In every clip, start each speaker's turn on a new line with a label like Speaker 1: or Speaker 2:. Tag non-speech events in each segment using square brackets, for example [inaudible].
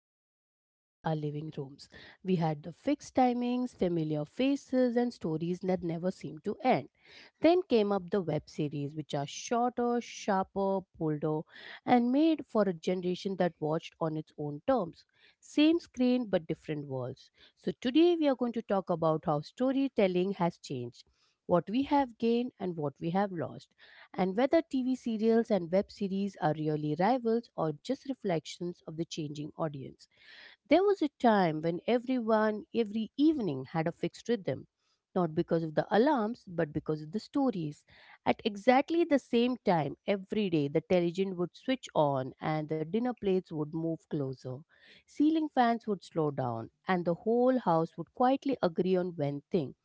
Speaker 1: serials ruled our living rooms. We had the fixed timings, familiar faces, and stories that never seemed to end. Then came up the web series, which are shorter, sharper, bolder, and made for a generation that watched on its own terms. Same screen, but different worlds. So, today we are going to talk about how storytelling has changed, what we have gained, and what we have lost, and whether TV serials and web series are really rivals or just reflections of the changing audience. There was a time when everyone, every evening, had a fixed rhythm, not because of the alarms, but because of the stories. At exactly the same time every day, the television would switch on and the dinner plates would move closer. Ceiling fans would slow down, and the whole house would quietly agree on one thing: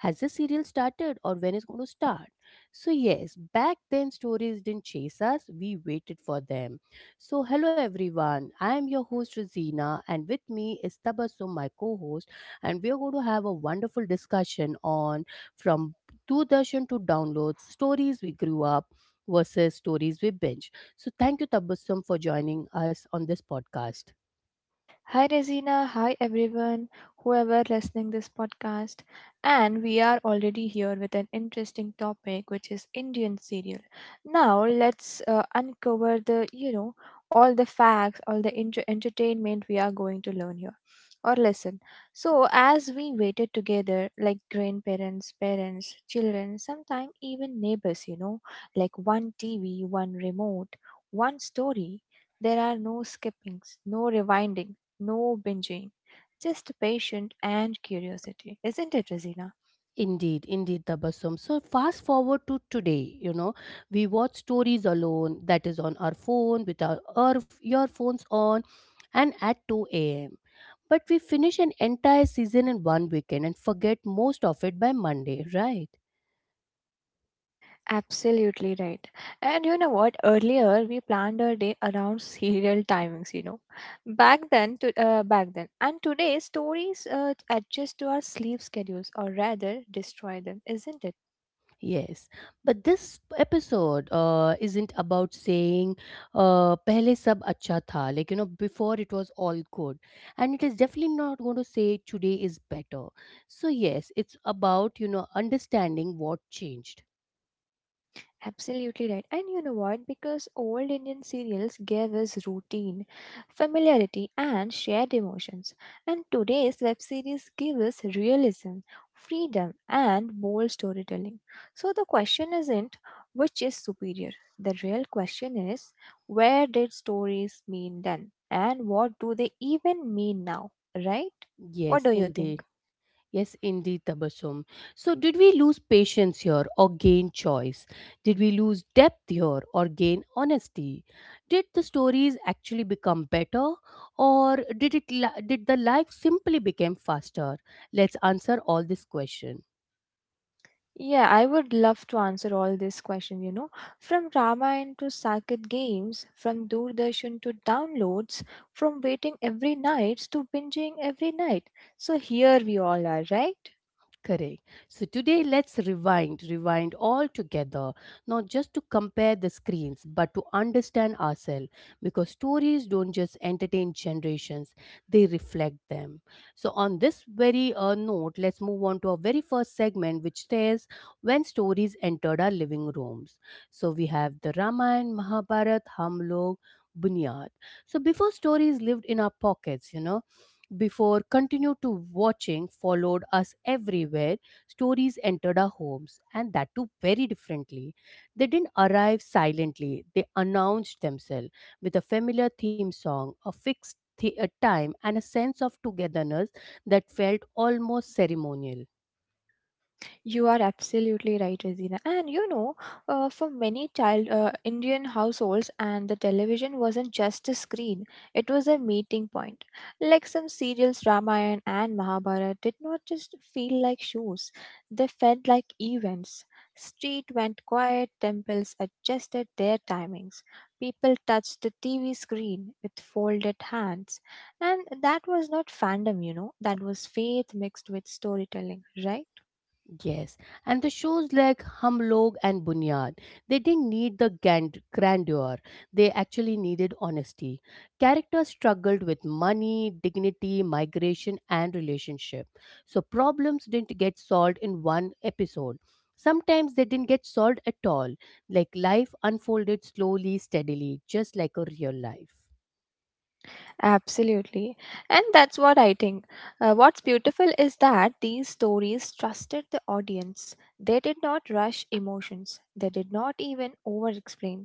Speaker 1: has the serial started, or when is going to start? So yes, back then stories didn't chase us, we waited for them. So hello everyone, I am your host Rosina, and with me is Tabassum, my co-host, and we are going to have a wonderful discussion on, from Doordarshan to downloads, stories we grew up versus stories we binge. So thank you Tabassum for joining us on this podcast.
Speaker 2: Hi Resina, hi everyone, whoever listening this podcast. And we are already here with an interesting topic which is Indian serial. Now let's uncover all the facts, all the entertainment we are going to learn here or listen. So as we waited together like grandparents, parents, children, sometimes even neighbors, you know, like one TV, one remote, one story, there are no skippings, no rewinding, no binging, just patience and curiosity. Isn't it, Rosina?
Speaker 1: Indeed, indeed, Tabassum. So fast forward to today, we watch stories alone, that is on our phone, with our earphones on, and at 2 a.m. But we finish an entire season in one weekend and forget most of it by Monday, right?
Speaker 2: Absolutely right. And you know what? Earlier we planned our day around serial timings, you know. Back then. And today stories adjust to our sleep schedules or rather destroy them, isn't it?
Speaker 1: Yes, but this episode isn't about saying "pehle sab acha tha." Like, before it was all good, and it is definitely not going to say today is better. So yes, it's about understanding what changed.
Speaker 2: Absolutely right. And you know what? Because old Indian serials gave us routine, familiarity, and shared emotions. And today's web series give us realism, freedom, and bold storytelling. So the question isn't which is superior. The real question is, where did stories mean then? And what do they even mean now? Right? What
Speaker 1: Yes,
Speaker 2: do you
Speaker 1: indeed.
Speaker 2: think?
Speaker 1: Yes, indeed, Tabassum. So, did we lose patience here or gain choice? Did we lose depth here or gain honesty? Did the stories actually become better, or did the life simply become faster? Let's answer all this question.
Speaker 2: Yeah, I would love to answer all these questions, you know. From Ramayana to Saket games, from Doordarshan to downloads, from waiting every night to binging every night. So here we all are, right?
Speaker 1: Correct. So today, let's rewind, rewind all together, not just to compare the screens, but to understand ourselves. Because stories don't just entertain generations, they reflect them. So, on this very note, let's move on to our very first segment, which says when stories entered our living rooms. So, we have the Ramayana, Mahabharat, Hamlog, Bunyad. So, before stories lived in our pockets, before continued to watching followed us everywhere, stories entered our homes, and that too very differently. They didn't arrive silently, they announced themselves with a familiar theme song, a fixed a time, and a sense of togetherness that felt almost ceremonial.
Speaker 2: You are absolutely right, Azina. And you know, for many child Indian households, and the television wasn't just a screen; it was a meeting point. Like some serials, Ramayana and Mahabharata did not just feel like shows; they felt like events. Street went quiet, temples adjusted their timings. People touched the TV screen with folded hands. And that was not fandom, you know, that was faith mixed with storytelling, right?
Speaker 1: Yes, and the shows like Hum Log and Bunyad, they didn't need the grandeur. They actually needed honesty. Characters struggled with money, dignity, migration, and relationship. So problems didn't get solved in one episode. Sometimes they didn't get solved at all. Like life unfolded slowly, steadily, just like a real life.
Speaker 2: Absolutely. And that's what I think. What's beautiful is that these stories trusted the audience. They did not rush emotions, they did not even over explain.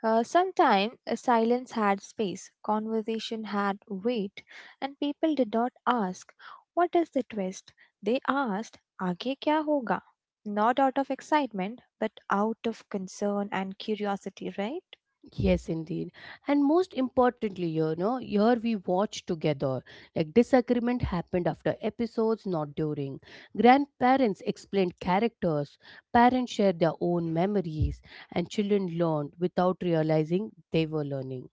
Speaker 2: Sometimes silence had space, conversation had weight, and people did not ask, "What is the twist?" They asked, "Aage kya hoga?" Not out of excitement, but out of concern and curiosity, right?
Speaker 1: Yes, indeed. And most importantly, here we watched together. Like disagreement happened after episodes, not during. Grandparents explained characters, parents shared their own memories, and children learned without realizing they were learning.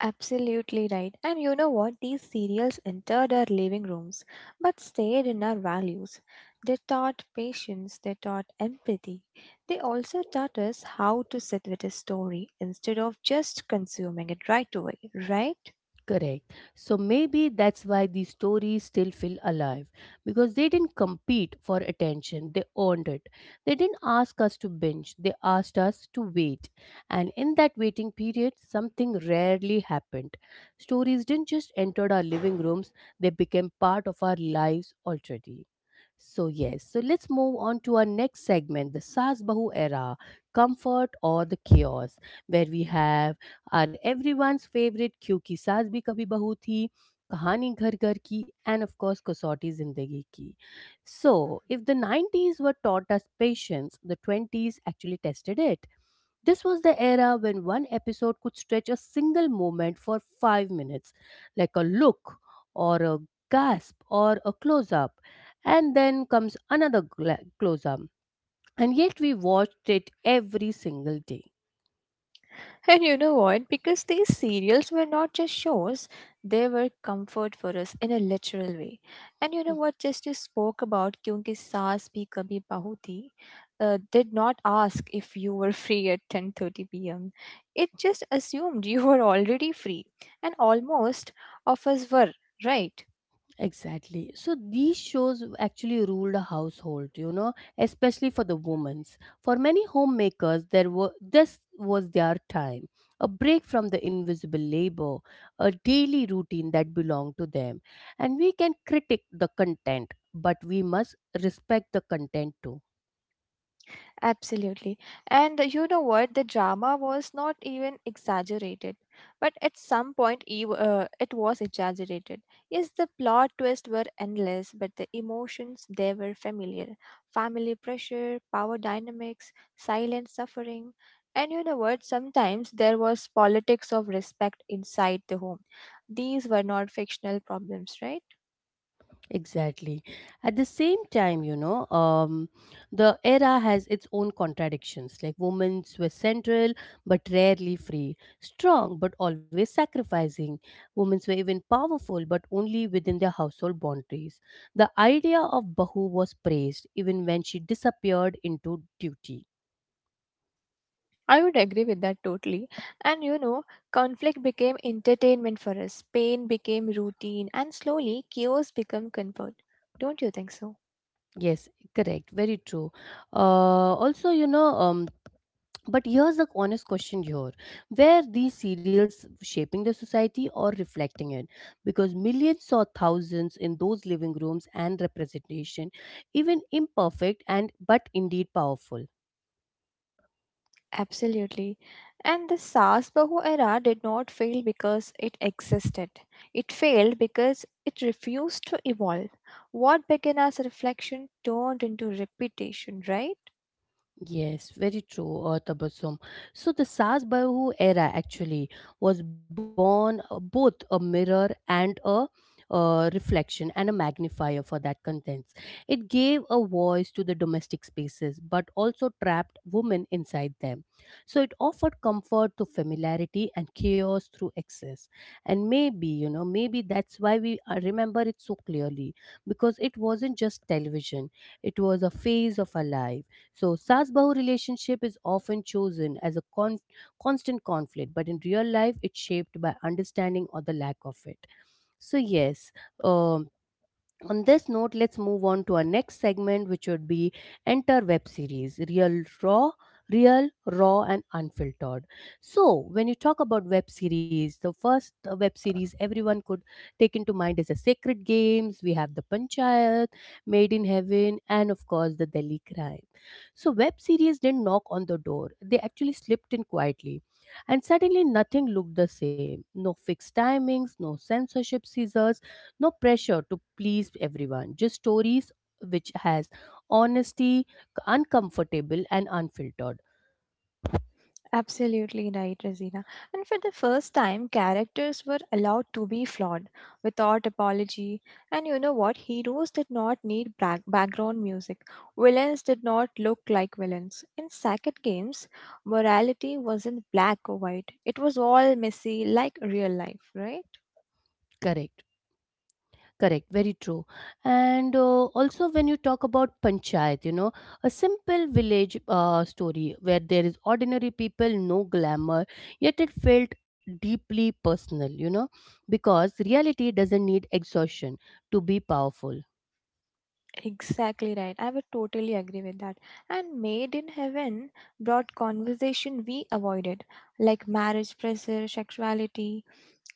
Speaker 2: Absolutely right. And you know what? These serials entered our living rooms but stayed in our values. They taught patience, they taught empathy. They also taught us how to sit with a story instead of just consuming it right away, right?
Speaker 1: Correct. So maybe that's why these stories still feel alive, because they didn't compete for attention, they earned it. They didn't ask us to binge, they asked us to wait. And in that waiting period, something rarely happened. Stories didn't just enter our living rooms, they became part of our lives already. So, yes, so let's move on to our next segment, the Sas Bahu era, comfort or the chaos, where we have our everyone's favorite Kyuki Saas Bhi Kabhi Bahu Thi, Kahani Ghar Ghar Ki, and of course, Kasauti Zindagi Ki. So, if the 90s were taught us patience, the 20s actually tested it. This was the era when one episode could stretch a single moment for 5 minutes, like a look or a gasp or a close up, and then comes another close up. And yet we watched it every single day.
Speaker 2: And you know what? Because these serials were not just shows, they were comfort for us in a literal way. And you
Speaker 1: Mm.
Speaker 2: know what? Just you spoke about Kyunki Saas Bhi Kabhi Bahu Thi, did not ask if you were [laughs] free at 10:30 p.m. It just assumed you were already free, and almost of us were, right?
Speaker 1: Exactly. So these shows actually ruled a household, especially for the women's. For many homemakers, there were this was their time, a break from the invisible labor, a daily routine that belonged to them. And we can critique the content, but we must respect the content too.
Speaker 2: Absolutely. And you know what? The drama was not even exaggerated. But at some point, it was exaggerated. Yes, the plot twists were endless, but the emotions, they were familiar. Family pressure, power dynamics, silent suffering. And you know what? Sometimes there was politics of respect inside the home. These were not fictional problems, right?
Speaker 1: Exactly. At the same time, the era has its own contradictions. Like women were central but rarely free, strong but always sacrificing. Women were even powerful but only within their household boundaries. The idea of Bahu was praised even when she disappeared into duty.
Speaker 2: I would agree with that totally. And you know, conflict became entertainment for us, pain became routine, and slowly chaos became comfort. Don't you think so?
Speaker 1: Yes, correct. Very true. Also, but here's the honest question here, were these serials shaping the society or reflecting it? Because millions or thousands in those living rooms and representation, even imperfect and but indeed powerful.
Speaker 2: Absolutely. And the SARS Bahu era did not fail because it existed. It failed because it refused to evolve. What began as reflection turned into repetition, right?
Speaker 1: Yes, very true, Tabassum. So the Sas-Bahu era actually was born, both a mirror and a, reflection and a magnifier for that contents. It gave a voice to the domestic spaces, but also trapped women inside them. So it offered comfort to familiarity and chaos through excess. And maybe that's why we remember it so clearly, because it wasn't just television; it was a phase of our life. So, Sas Bahu relationship is often chosen as a constant conflict, but in real life, it's shaped by understanding or the lack of it. So, yes, um, on this note, let's move on to our next segment, which would be enter web series, real, raw, and unfiltered. So when you talk about web series, the first web series everyone could take into mind is the Sacred Games. We have the Panchayat, Made in Heaven, and of course the Delhi Crime. So web series didn't knock on the door, they actually slipped in quietly, and suddenly nothing looked the same, no fixed timings, no censorship scissors, no pressure to please everyone, just stories, which has honesty, uncomfortable and unfiltered.
Speaker 2: Absolutely right, Rosina. And for the first time, characters were allowed to be flawed without apology. And you know what? Heroes did not need background music. Villains did not look like villains. In Sackett games, morality wasn't black or white, it was all messy, like real life, right?
Speaker 1: Correct, correct. Very true. And also, when you talk about Panchayat, a simple village story where there is ordinary people, no glamour, yet it felt deeply personal, because reality doesn't need exhaustion to be powerful.
Speaker 2: Exactly right. I would totally agree with that. And Made in Heaven brought conversation we avoided, like marriage pressure, sexuality,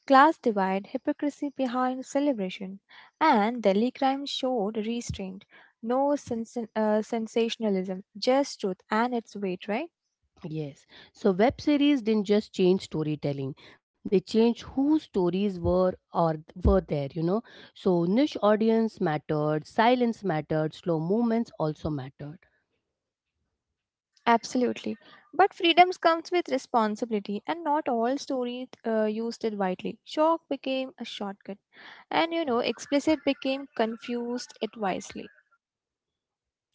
Speaker 2: class divide, hypocrisy behind celebration, and Delhi crime showed restraint. No sens- sensationalism, just truth and its weight, right?
Speaker 1: Yes. So web series didn't just change storytelling. They changed whose stories were, or were there. So niche audience mattered, silence mattered, slow movements also mattered.
Speaker 2: Absolutely. But freedoms comes with responsibility, and not all stories used it widely. Shock became a shortcut, and you know, explicit became confused it wisely.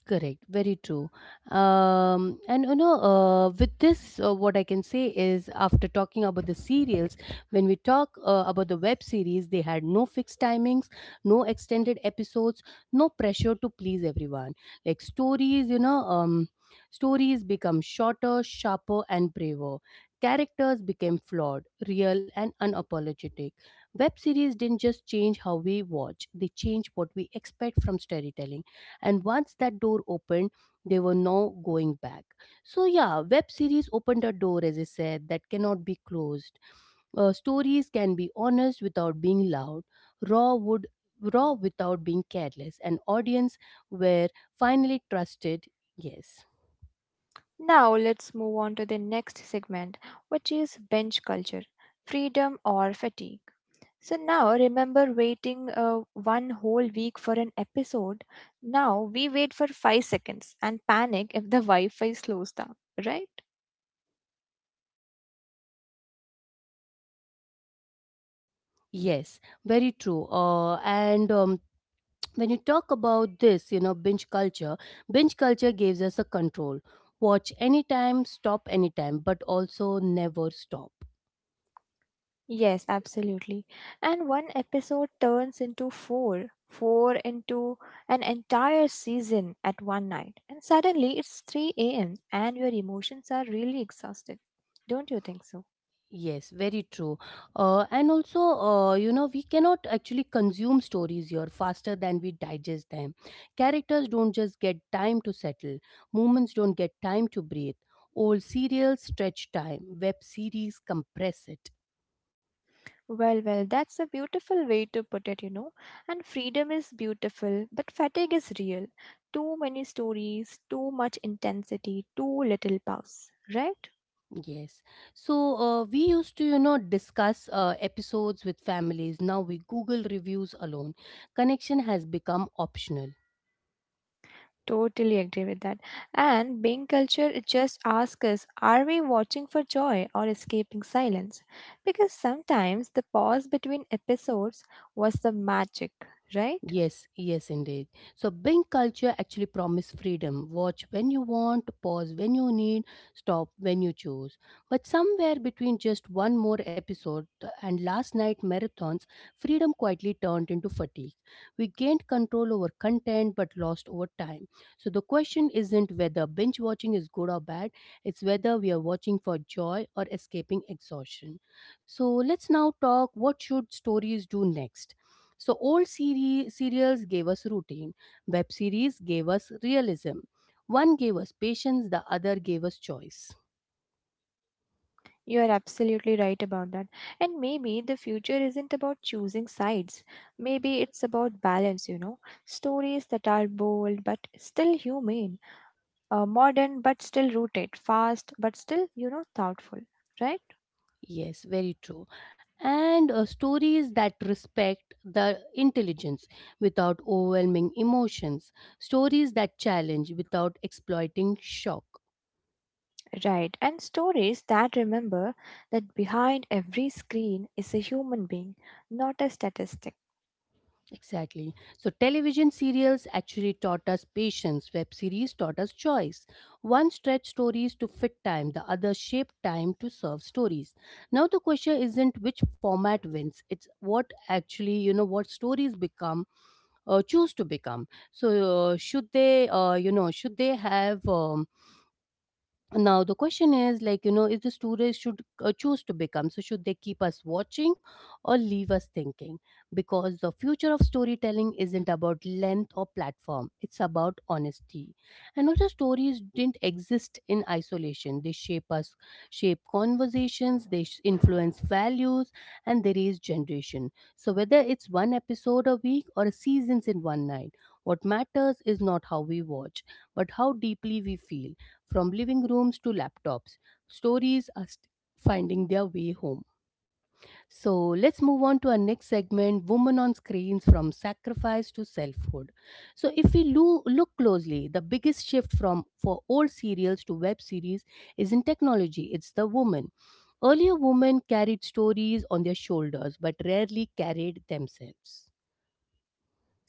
Speaker 1: Correct, very true. With this, what I can say is, after talking about the serials, when we talk about the web series, they had no fixed timings, no extended episodes, no pressure to please everyone. Like stories become shorter, sharper, and braver. Characters became flawed, real, and unapologetic. Web series didn't just change how we watch; they changed what we expect from storytelling, and once that door opened, there were no going back. So yeah, web series opened a door, as I said, that cannot be closed. Stories can be honest without being loud, raw would raw without being careless, and audience were finally trusted. Yes.
Speaker 2: Now let's move on to the next segment, which is bench culture, freedom or fatigue. So now remember waiting one whole week for an episode. Now we wait for 5 seconds and panic if the Wi Fi slows down, right?
Speaker 1: Yes, very true. And [tsk] When you talk about this, binge culture, binge culture gives us a control. Watch anytime, stop anytime, but also never stop.
Speaker 2: Yes, absolutely. And one episode turns into four, four into an entire season at one night. And suddenly it's 3 a.m. and your emotions are really exhausted. Don't you think so?
Speaker 1: Yes, very true. And also, we cannot actually consume stories here faster than we digest them. Characters don't just get time to settle, moments don't get time to breathe. Old serials stretch time, web series compress it.
Speaker 2: Well, well, that's a beautiful way to put it, you know. And freedom is beautiful, but fatigue is real. Too many stories, too much intensity, too little pause, right?
Speaker 1: Yes. So we used to, discuss episodes with families. Now we Google reviews alone. Connection has become optional.
Speaker 2: Totally agree with that. And being culture, it just asks us, are we watching for joy or escaping silence? Because sometimes the pause between episodes was the magic, right?
Speaker 1: Yes, yes, indeed. So, Bing culture actually promise freedom. Watch when you want, pause when you need, stop when you choose. But somewhere between just one more episode and last night marathons, freedom quietly turned into fatigue. We gained control over content but lost over time. So, the question isn't whether binge watching is good or bad, it's whether we are watching for joy or escaping exhaustion. So, let's now talk what should stories do next. So old serials gave us routine, web series gave us realism. One gave us patience, the other gave us choice.
Speaker 2: You are absolutely right about that. And maybe the future isn't about choosing sides. Maybe it's about balance, you know. Stories that are bold but still humane, modern but still rooted, fast but still, you know, thoughtful. Right?
Speaker 1: Yes, very true. And stories that respect the intelligence without overwhelming emotions, stories that challenge without exploiting shock.
Speaker 2: Right. And stories that remember that behind every screen is a human being, not a statistic.
Speaker 1: Exactly. So, television serials actually taught us patience, web series taught us choice. One stretched stories to fit time, the other shaped time to serve stories. Now, the question isn't which format wins, it's what actually, what stories become. Choose to become so should they you know should they have now the question is if the students should choose to become, so should they keep us watching or leave us thinking? Because the future of storytelling isn't about length or platform, it's about honesty. And also, stories didn't exist in isolation. They shape us, shape conversations, they influence values, and they raise generation. So whether it's one episode a week or seasons in one night, what matters is not how we watch, but how deeply we feel. From living rooms to laptops, stories are st- finding their way home. So let's move on to our next segment, Women on Screens, from Sacrifice to Selfhood. So, if we look closely, the biggest shift from for old serials to web series is in technology, it's the woman. Earlier, women carried stories on their shoulders but rarely carried themselves.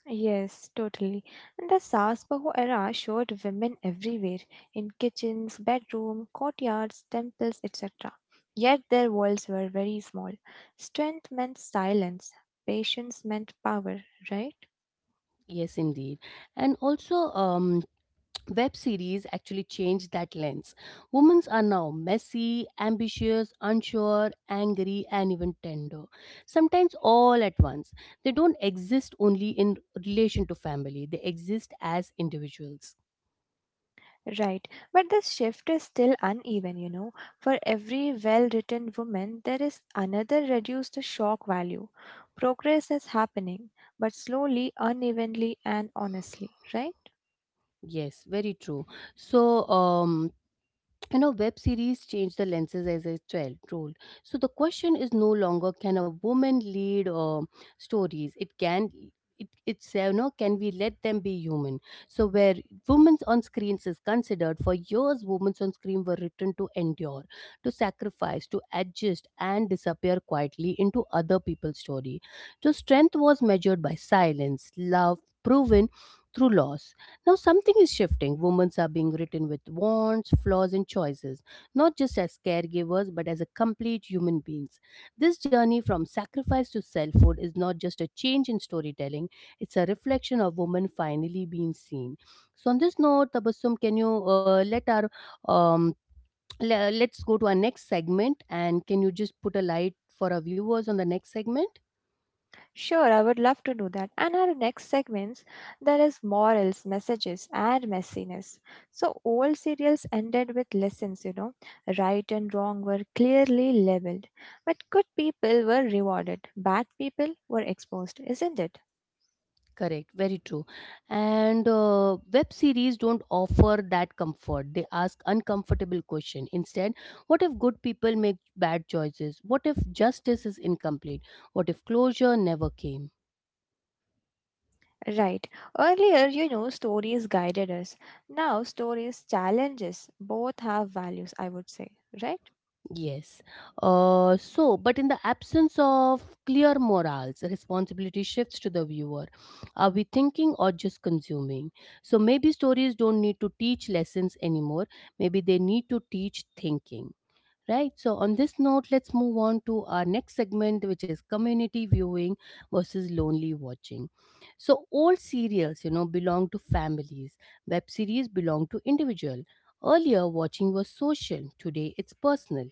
Speaker 2: Yes, totally. And the Sasbaho era showed women everywhere in kitchens, bedroom, courtyards, temples, etc. Yet their worlds were very small. Strength meant silence, patience meant power, right?
Speaker 1: Yes, indeed. And also, um, web series actually changed that lens. Women are now messy, ambitious, unsure, angry, and even tender. Sometimes all at once. They don't exist only in relation to family, they exist as individuals.
Speaker 2: Right. But this shift is still uneven, you know. For every well written woman, there is another reduced to shock value. Progress is happening, but slowly, unevenly, and honestly, right?
Speaker 1: Yes, very true. So, web series changed the lenses as a child role, so the question is no longer can a woman lead stories, it can, it's can we let them be human? So where women's on screens is considered, for years women's on screen were written to endure, to sacrifice, to adjust, and disappear quietly into other people's story. So strength was measured by silence, love proven through loss. Now, something is shifting. Women are being written with wants, flaws, and choices, not just as caregivers, but as a complete human beings. This journey from sacrifice to selfhood is not just a change in storytelling, it's a reflection of women finally being seen. So, on this note, Tabassum, can you let our um, let's go to our next segment, and can you just put a light for our viewers on the next segment?
Speaker 2: Sure, I would love to do that. And our next segments, there is morals, messages, and messiness. So old serials ended with lessons, you know. Right and wrong were clearly labeled. But good people were rewarded. Bad people were exposed, isn't it?
Speaker 1: Correct, very true. And web series don't offer that comfort. They ask uncomfortable question. Instead, what if good people make bad choices? What if justice is incomplete? What if closure never came?
Speaker 2: Right. Earlier, you know, stories guided us. Now stories challenges. Both have values, I would say, right?
Speaker 1: Yes. So, but in the absence of clear morals, responsibility shifts to the viewer. Are we thinking or just consuming? So maybe stories don't need to teach lessons anymore. Maybe they need to teach thinking. Right, so on this note, let's move on to our next segment, which is community viewing versus lonely watching. So, old serials, you know, belong to families, web series belong to individual. Earlier, watching was social, today, it's personal.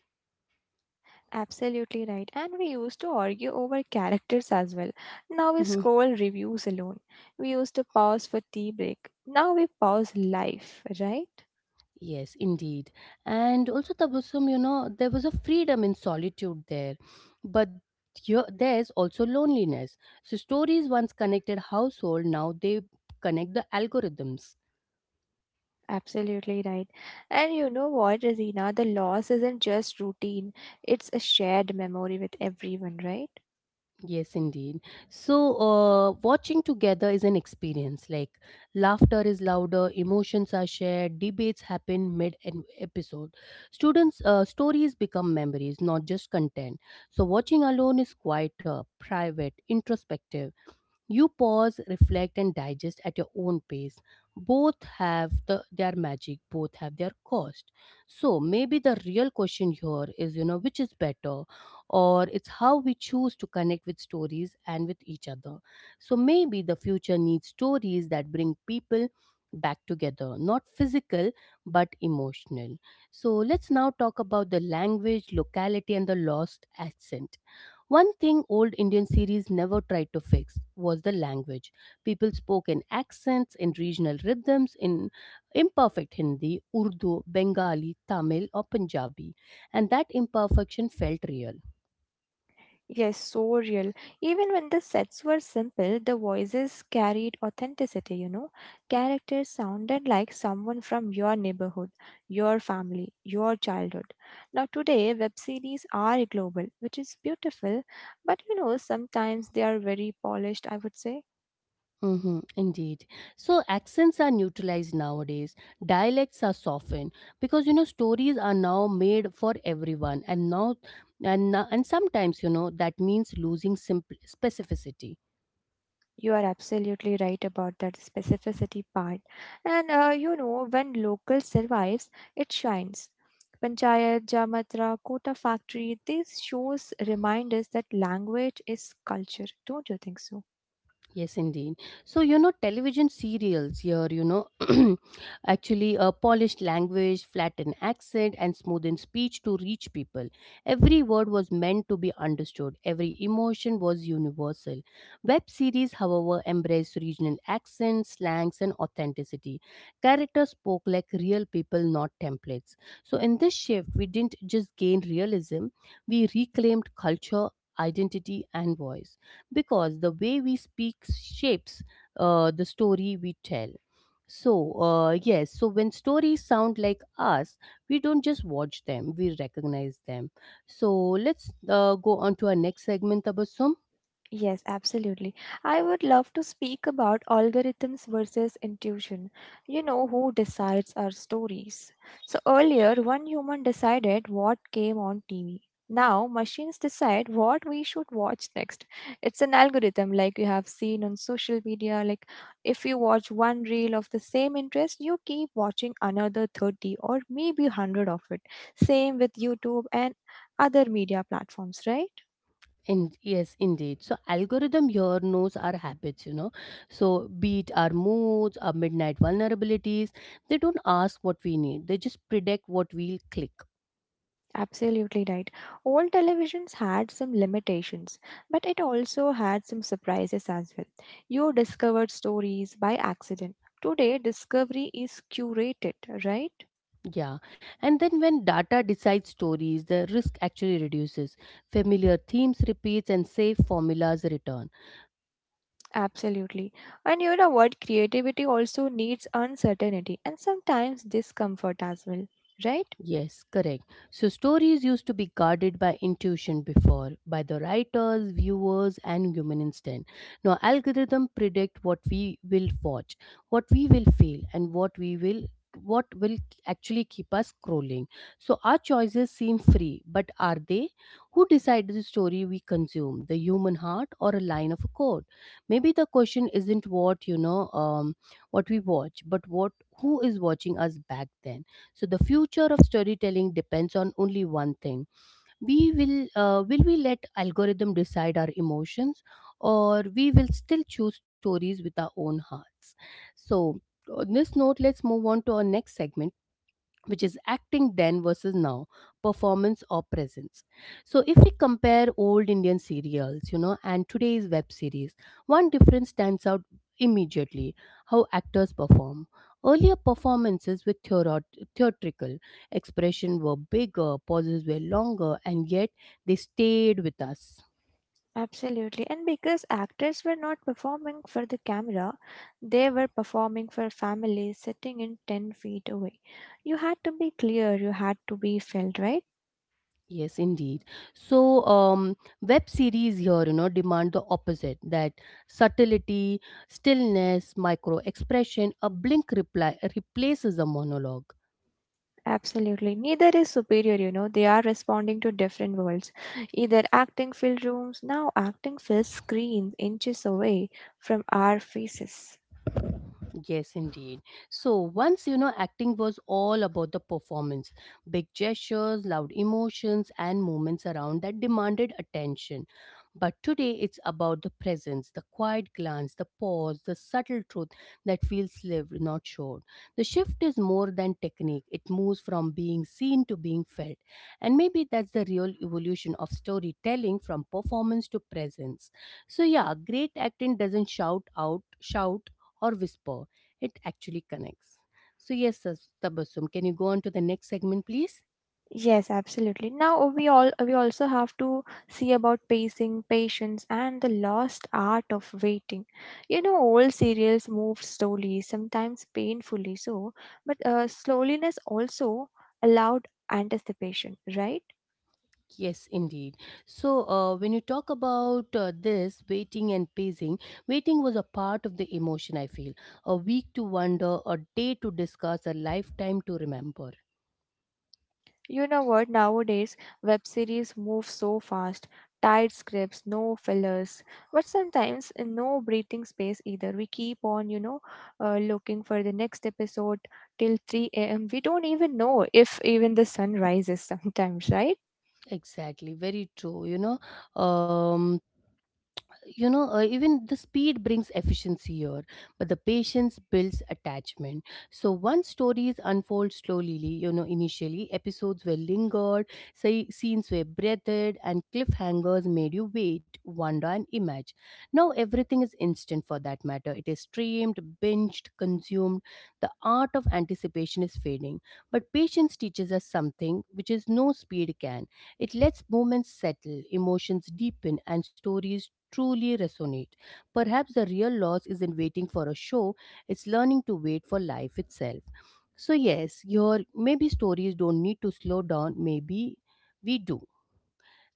Speaker 2: Absolutely right. And we used to argue over characters as well. Now we
Speaker 1: Mhm.
Speaker 2: scroll reviews alone. We used to pause for tea break. Now we pause life, right?
Speaker 1: Yes, indeed. And also, Tabassum, you know, there was a freedom in solitude there, but here, there's also loneliness. So, stories once connected household, now they connect the algorithms.
Speaker 2: Absolutely right. And you know what, Razina? The loss isn't just routine, it's a shared memory with everyone, right?
Speaker 1: Yes, indeed. So, watching together is an experience. Like, laughter is louder, emotions are shared, debates happen mid episode. Students' stories become memories, not just content. So, watching alone is quieter, private, introspective. You pause, reflect, and digest at your own pace. Both have their magic, both have their cost. So maybe the real question here is, you know, which is better, or it's how we choose to connect with stories and with each other. So maybe the future needs stories that bring people back together, not physical but emotional. So let's now talk about the language, locality, and the lost accent. One thing old Indian series never tried to fix was the language. People spoke in accents, in regional rhythms, in imperfect Hindi, Urdu, Bengali, Tamil, or Punjabi, and that imperfection felt real.
Speaker 2: Yes, so real. Even when the sets were simple, the voices carried authenticity, you know. Characters sounded like someone from your neighborhood, your family, your childhood. Now, today, web series are global, which is beautiful, but you know, sometimes they are very polished, I would say.
Speaker 1: Hmm, indeed. So accents are neutralized nowadays. Dialects are softened because you know stories are now made for everyone, and now and sometimes you know that means losing simple specificity.
Speaker 2: You are absolutely right about that specificity part. And you know, when local survives, it shines. Panchayat, Jamatra, Kota factory, these shows remind us that language is culture. Don't you think so?
Speaker 1: Yes, indeed. So, you know, television serials here, you know, [clears throat] actually a polished language, flattened accent, and smoothened speech to reach people. Every word was meant to be understood, every emotion was universal. Web series, however, embraced regional accents, slangs, and authenticity. Characters spoke like real people, not templates. So, in this shift, we didn't just gain realism, we reclaimed culture, identity, and voice, because the way we speak shapes the story we tell. So, yes, so when stories sound like us, we don't just watch them, we recognize them. So, let's go on to our next segment, Tabassum.
Speaker 2: Yes, absolutely. I would love to speak about algorithms versus intuition. You know, who decides our stories. So earlier, one human decided what came on TV. Now, machines decide what we should watch next. It's an algorithm like you have seen on social media. Like, if you watch one reel of the same interest, you keep watching another 30 or maybe 100 of it. Same with YouTube and other media platforms, right?
Speaker 1: And yes, indeed. So, algorithm here knows our habits, you know. So, be it our moods, our midnight vulnerabilities, they don't ask what we need, they just predict what we'll click.
Speaker 2: Absolutely right. Old televisions had some limitations, but it also had some surprises as well. You discovered stories by accident. Today, discovery is curated, right?
Speaker 1: Yeah, and then when data decides stories, the risk actually reduces. Familiar themes repeats and safe formulas return.
Speaker 2: Absolutely. And you know what? Creativity also needs uncertainty and sometimes discomfort as well, right?
Speaker 1: Yes, correct. So, stories used to be guarded by intuition before, by the writers, viewers, and human instinct. Now, algorithm predict what we will watch, what we will feel, and what will actually keep us scrolling. So our choices seem free, but are they? Who decides the story we consume, the human heart or a line of a code? Maybe the question isn't what you know what we watch, but what, who is watching us back then? So the future of storytelling depends on only one thing: we will will we let algorithm decide our emotions, or we will still choose stories with our own hearts? So on this note, let's move on to our next segment, which is acting then versus now, performance or presence. So, if we compare old Indian serials, you know, and today's web series, one difference stands out immediately: how actors perform. Earlier performances were theatrical, expression were bigger, pauses were longer, and yet they stayed with us.
Speaker 2: Absolutely. And because actors were not performing for the camera, they were performing for families sitting in 10 feet away. You had to be clear, you had to be felt, right?
Speaker 1: Yes, indeed. So, web series here, you know, demand the opposite: that subtlety, stillness, micro expression, a blink reply replaces a monologue.
Speaker 2: Absolutely. Neither is superior, you know. They are responding to different worlds. Either acting filled rooms, now acting fills screens inches away from our faces.
Speaker 1: Yes, indeed. So once, you know, acting was all about the performance: big gestures, loud emotions, and movements around that demanded attention. But today it's about the presence, the quiet glance, the pause, the subtle truth that feels lived, not showed. The shift is more than technique, it moves from being seen to being felt. And maybe that's the real evolution of storytelling, from performance to presence. So, yeah, great acting doesn't shout or whisper, it actually connects. So, yes, Tabassum, can you go on to the next segment, please?
Speaker 2: Yes, absolutely. Now we all we also have to see about pacing, patience, and the lost art of waiting. You know, old serials move slowly, sometimes painfully so, but slowness also allowed anticipation, right?
Speaker 1: Yes, indeed. So, when you talk about this waiting and pacing, waiting was a part of the emotion, I feel. A week to wonder, a day to discuss, a lifetime to remember.
Speaker 2: You know what? Nowadays, web series move so fast. Tight scripts, no fillers, but sometimes no breathing space either. We keep on, you know, looking for the next episode till 3 a.m. We don't even know if even the sun rises sometimes, right?
Speaker 1: Exactly, very true. You know, um, even the speed brings efficiency here but the patience builds attachment. So once stories unfold slowly, you know, initially episodes were lingered, say, scenes were breathed, and cliffhangers made you wait, wonder, and imagine. Now everything is instant, for that matter it is streamed, binged, consumed. The art of anticipation is fading, but patience teaches us something which is no speed can. It lets moments settle, emotions deepen, and stories truly resonate. Perhaps the real loss isn't waiting for a show, it's learning to wait for life itself. So, yes, your maybe stories don't need to slow down, maybe we do.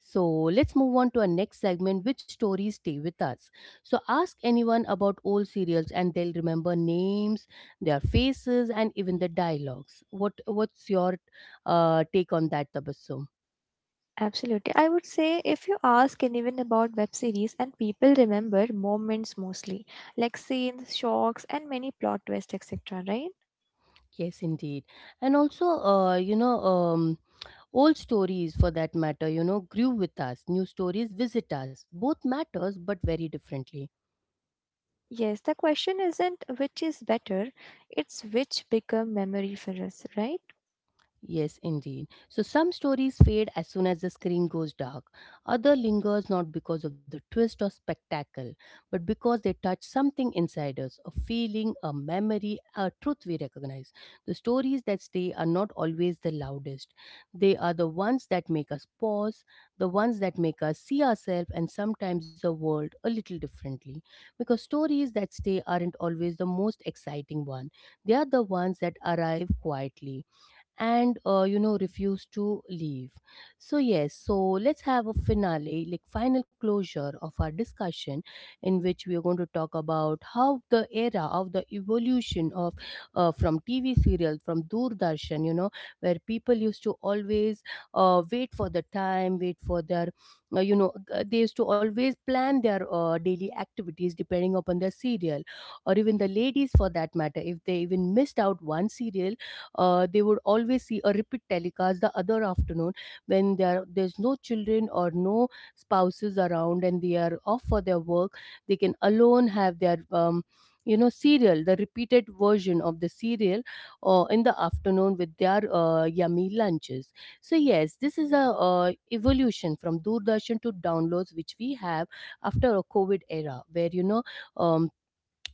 Speaker 1: So, let's move on to our next segment, which stories stay with us. So, ask anyone about old serials and they'll remember names, their faces, and even the dialogues. What's your take on that, Tabassum?
Speaker 2: Absolutely. I would say if you ask anyone about web series and people remember moments mostly, like scenes, shocks, and many plot twists, etc. Right?
Speaker 1: Yes, indeed. And also, old stories for that matter, you know, grew with us. New stories visit us. Both matters, but very differently.
Speaker 2: Yes, the question isn't which is better, it's which become memory for us, right?
Speaker 1: Yes, indeed. So some stories fade as soon as the screen goes dark. Other lingers not because of the twist or spectacle, but because they touch something inside us, a feeling, a memory, a truth we recognize. The stories that stay are not always the loudest. They are the ones that make us pause, the ones that make us see ourselves and sometimes the world a little differently. Because stories that stay aren't always the most exciting one. They are the ones that arrive quietly and you know refuse to leave. So yes, so let's have a finale, like final closure of our discussion, in which we are going to talk about how the era of the evolution of, from TV serial, from Doordarshan, you know, where people used to always wait for the time, wait for their they used to always plan their daily activities depending upon their serial, or even the ladies for that matter, if they even missed out one serial, they would always see a repeat telecast the other afternoon, when there's no children or no spouses around and they are off for their work, they can alone have their cereal, the repeated version of the cereal, in the afternoon with their yummy lunches. So yes, this is a evolution from Doordarshan to downloads, which we have after a COVID era where you know um,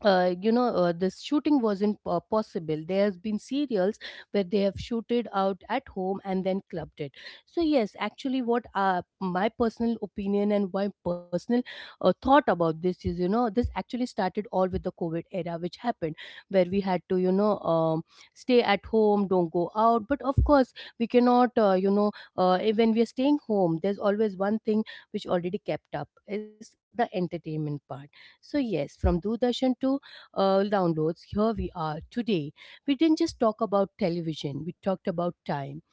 Speaker 1: this shooting wasn't possible. There has been serials where they have shooted out at home and then clubbed it. So yes, actually what my personal opinion and my personal thought about this is, you know, this actually started all with the COVID era which happened, where we had to you know stay at home, don't go out, but of course we cannot when we are staying home there's always one thing which already kept up, is the entertainment part. So yes, from Doordarshan to downloads, here we are today. We didn't just talk about television, we talked about time,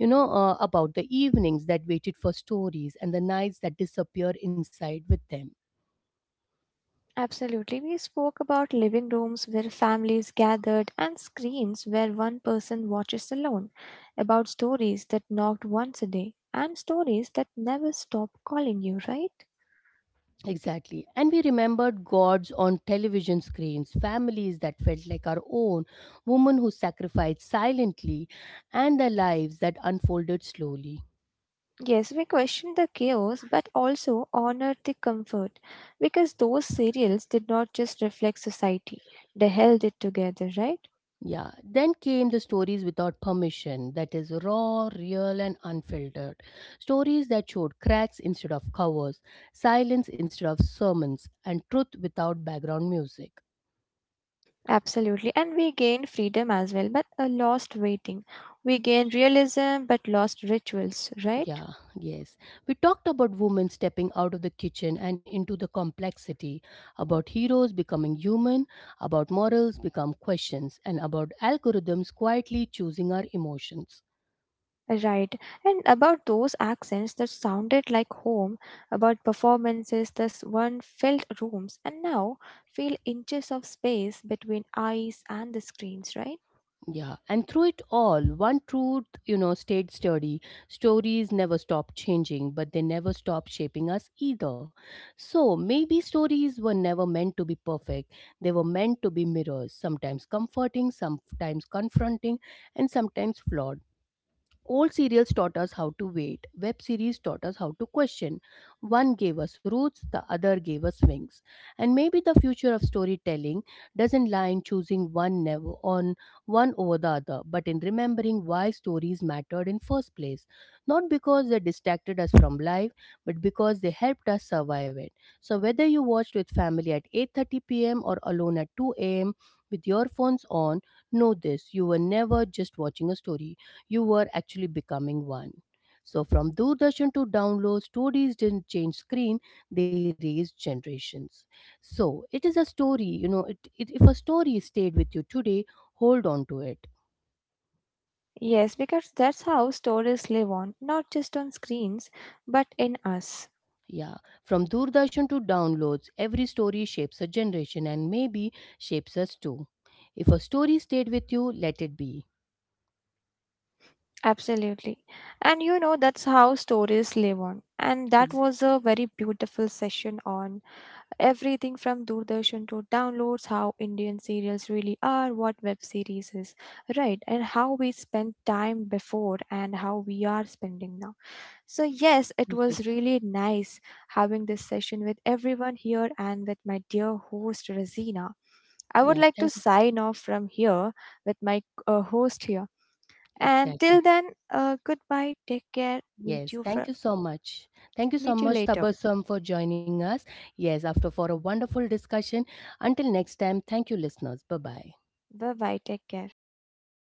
Speaker 1: you know, about the evenings that waited for stories and the nights that disappeared inside with them.
Speaker 2: Absolutely. We spoke about living rooms where families gathered and screens where one person watches alone, about stories that knocked once a day and stories that never stop calling you, right?
Speaker 1: Exactly. And we remembered gods on television screens, families that felt like our own, women who sacrificed silently, and their lives that unfolded slowly.
Speaker 2: Yes, we question the chaos but also honor the comfort because those serials did not just reflect society, they held it together, right?
Speaker 1: Yeah, then came the stories without permission, that is, raw, real, and unfiltered. Stories that showed cracks instead of covers, silence instead of sermons, and truth without background music.
Speaker 2: Absolutely. And we gained freedom as well, but a lost waiting. We gained realism but lost rituals, right?
Speaker 1: Yeah, yes. We talked about women stepping out of the kitchen and into the complexity, about heroes becoming human, about morals become questions, and about algorithms quietly choosing our emotions.
Speaker 2: Right. And about those accents that sounded like home, about performances that one filled rooms and now fill inches of space between eyes and the screens, right?
Speaker 1: Yeah, and through it all, one truth, you know, stayed sturdy. Stories never stop changing, but they never stop shaping us either. So maybe stories were never meant to be perfect. They were meant to be mirrors, sometimes comforting, sometimes confronting, and sometimes flawed. Old serials taught us how to wait. Web series taught us how to question. One gave us roots, the other gave us wings. And maybe the future of storytelling doesn't lie in choosing one never on one over the other, but in remembering why stories mattered in first place. Not because they distracted us from life, but because they helped us survive it. So whether you watched with family at 8:30 p.m. or alone at 2 a.m. with your phones on, know this: you were never just watching a story, you were actually becoming one. So from Doordarshan to download, stories didn't change screen, they raised generations. So it is a story, you know, it if a story stayed with you today, hold on to it.
Speaker 2: Yes, because that's how stories live on, not just on screens, but in us.
Speaker 1: Yeah. From Doordarshan to downloads, every story shapes a generation and maybe shapes us too. If a story stayed with you, let it be.
Speaker 2: Absolutely. And you know, that's how stories live on. And that was
Speaker 1: Ex-
Speaker 2: a very beautiful session on everything from Doordarshan to downloads, how Indian serials really are, what web series is, right? And how we spent time before and how we are spending now. So, yes, it was really nice having this session with everyone here and with my dear host, Rosina. I would
Speaker 1: Yeah,
Speaker 2: like to
Speaker 1: thank you.
Speaker 2: sign off from here with my host here. And till
Speaker 1: Exactly.
Speaker 2: then, goodbye. Take care.
Speaker 1: Yes, thank you so much. Thank you so
Speaker 2: Meet you
Speaker 1: much,
Speaker 2: later.
Speaker 1: Tabassum, for joining us. Yes, after for a wonderful discussion. Until next time, thank you, listeners. Bye bye.
Speaker 2: Bye bye. Take care.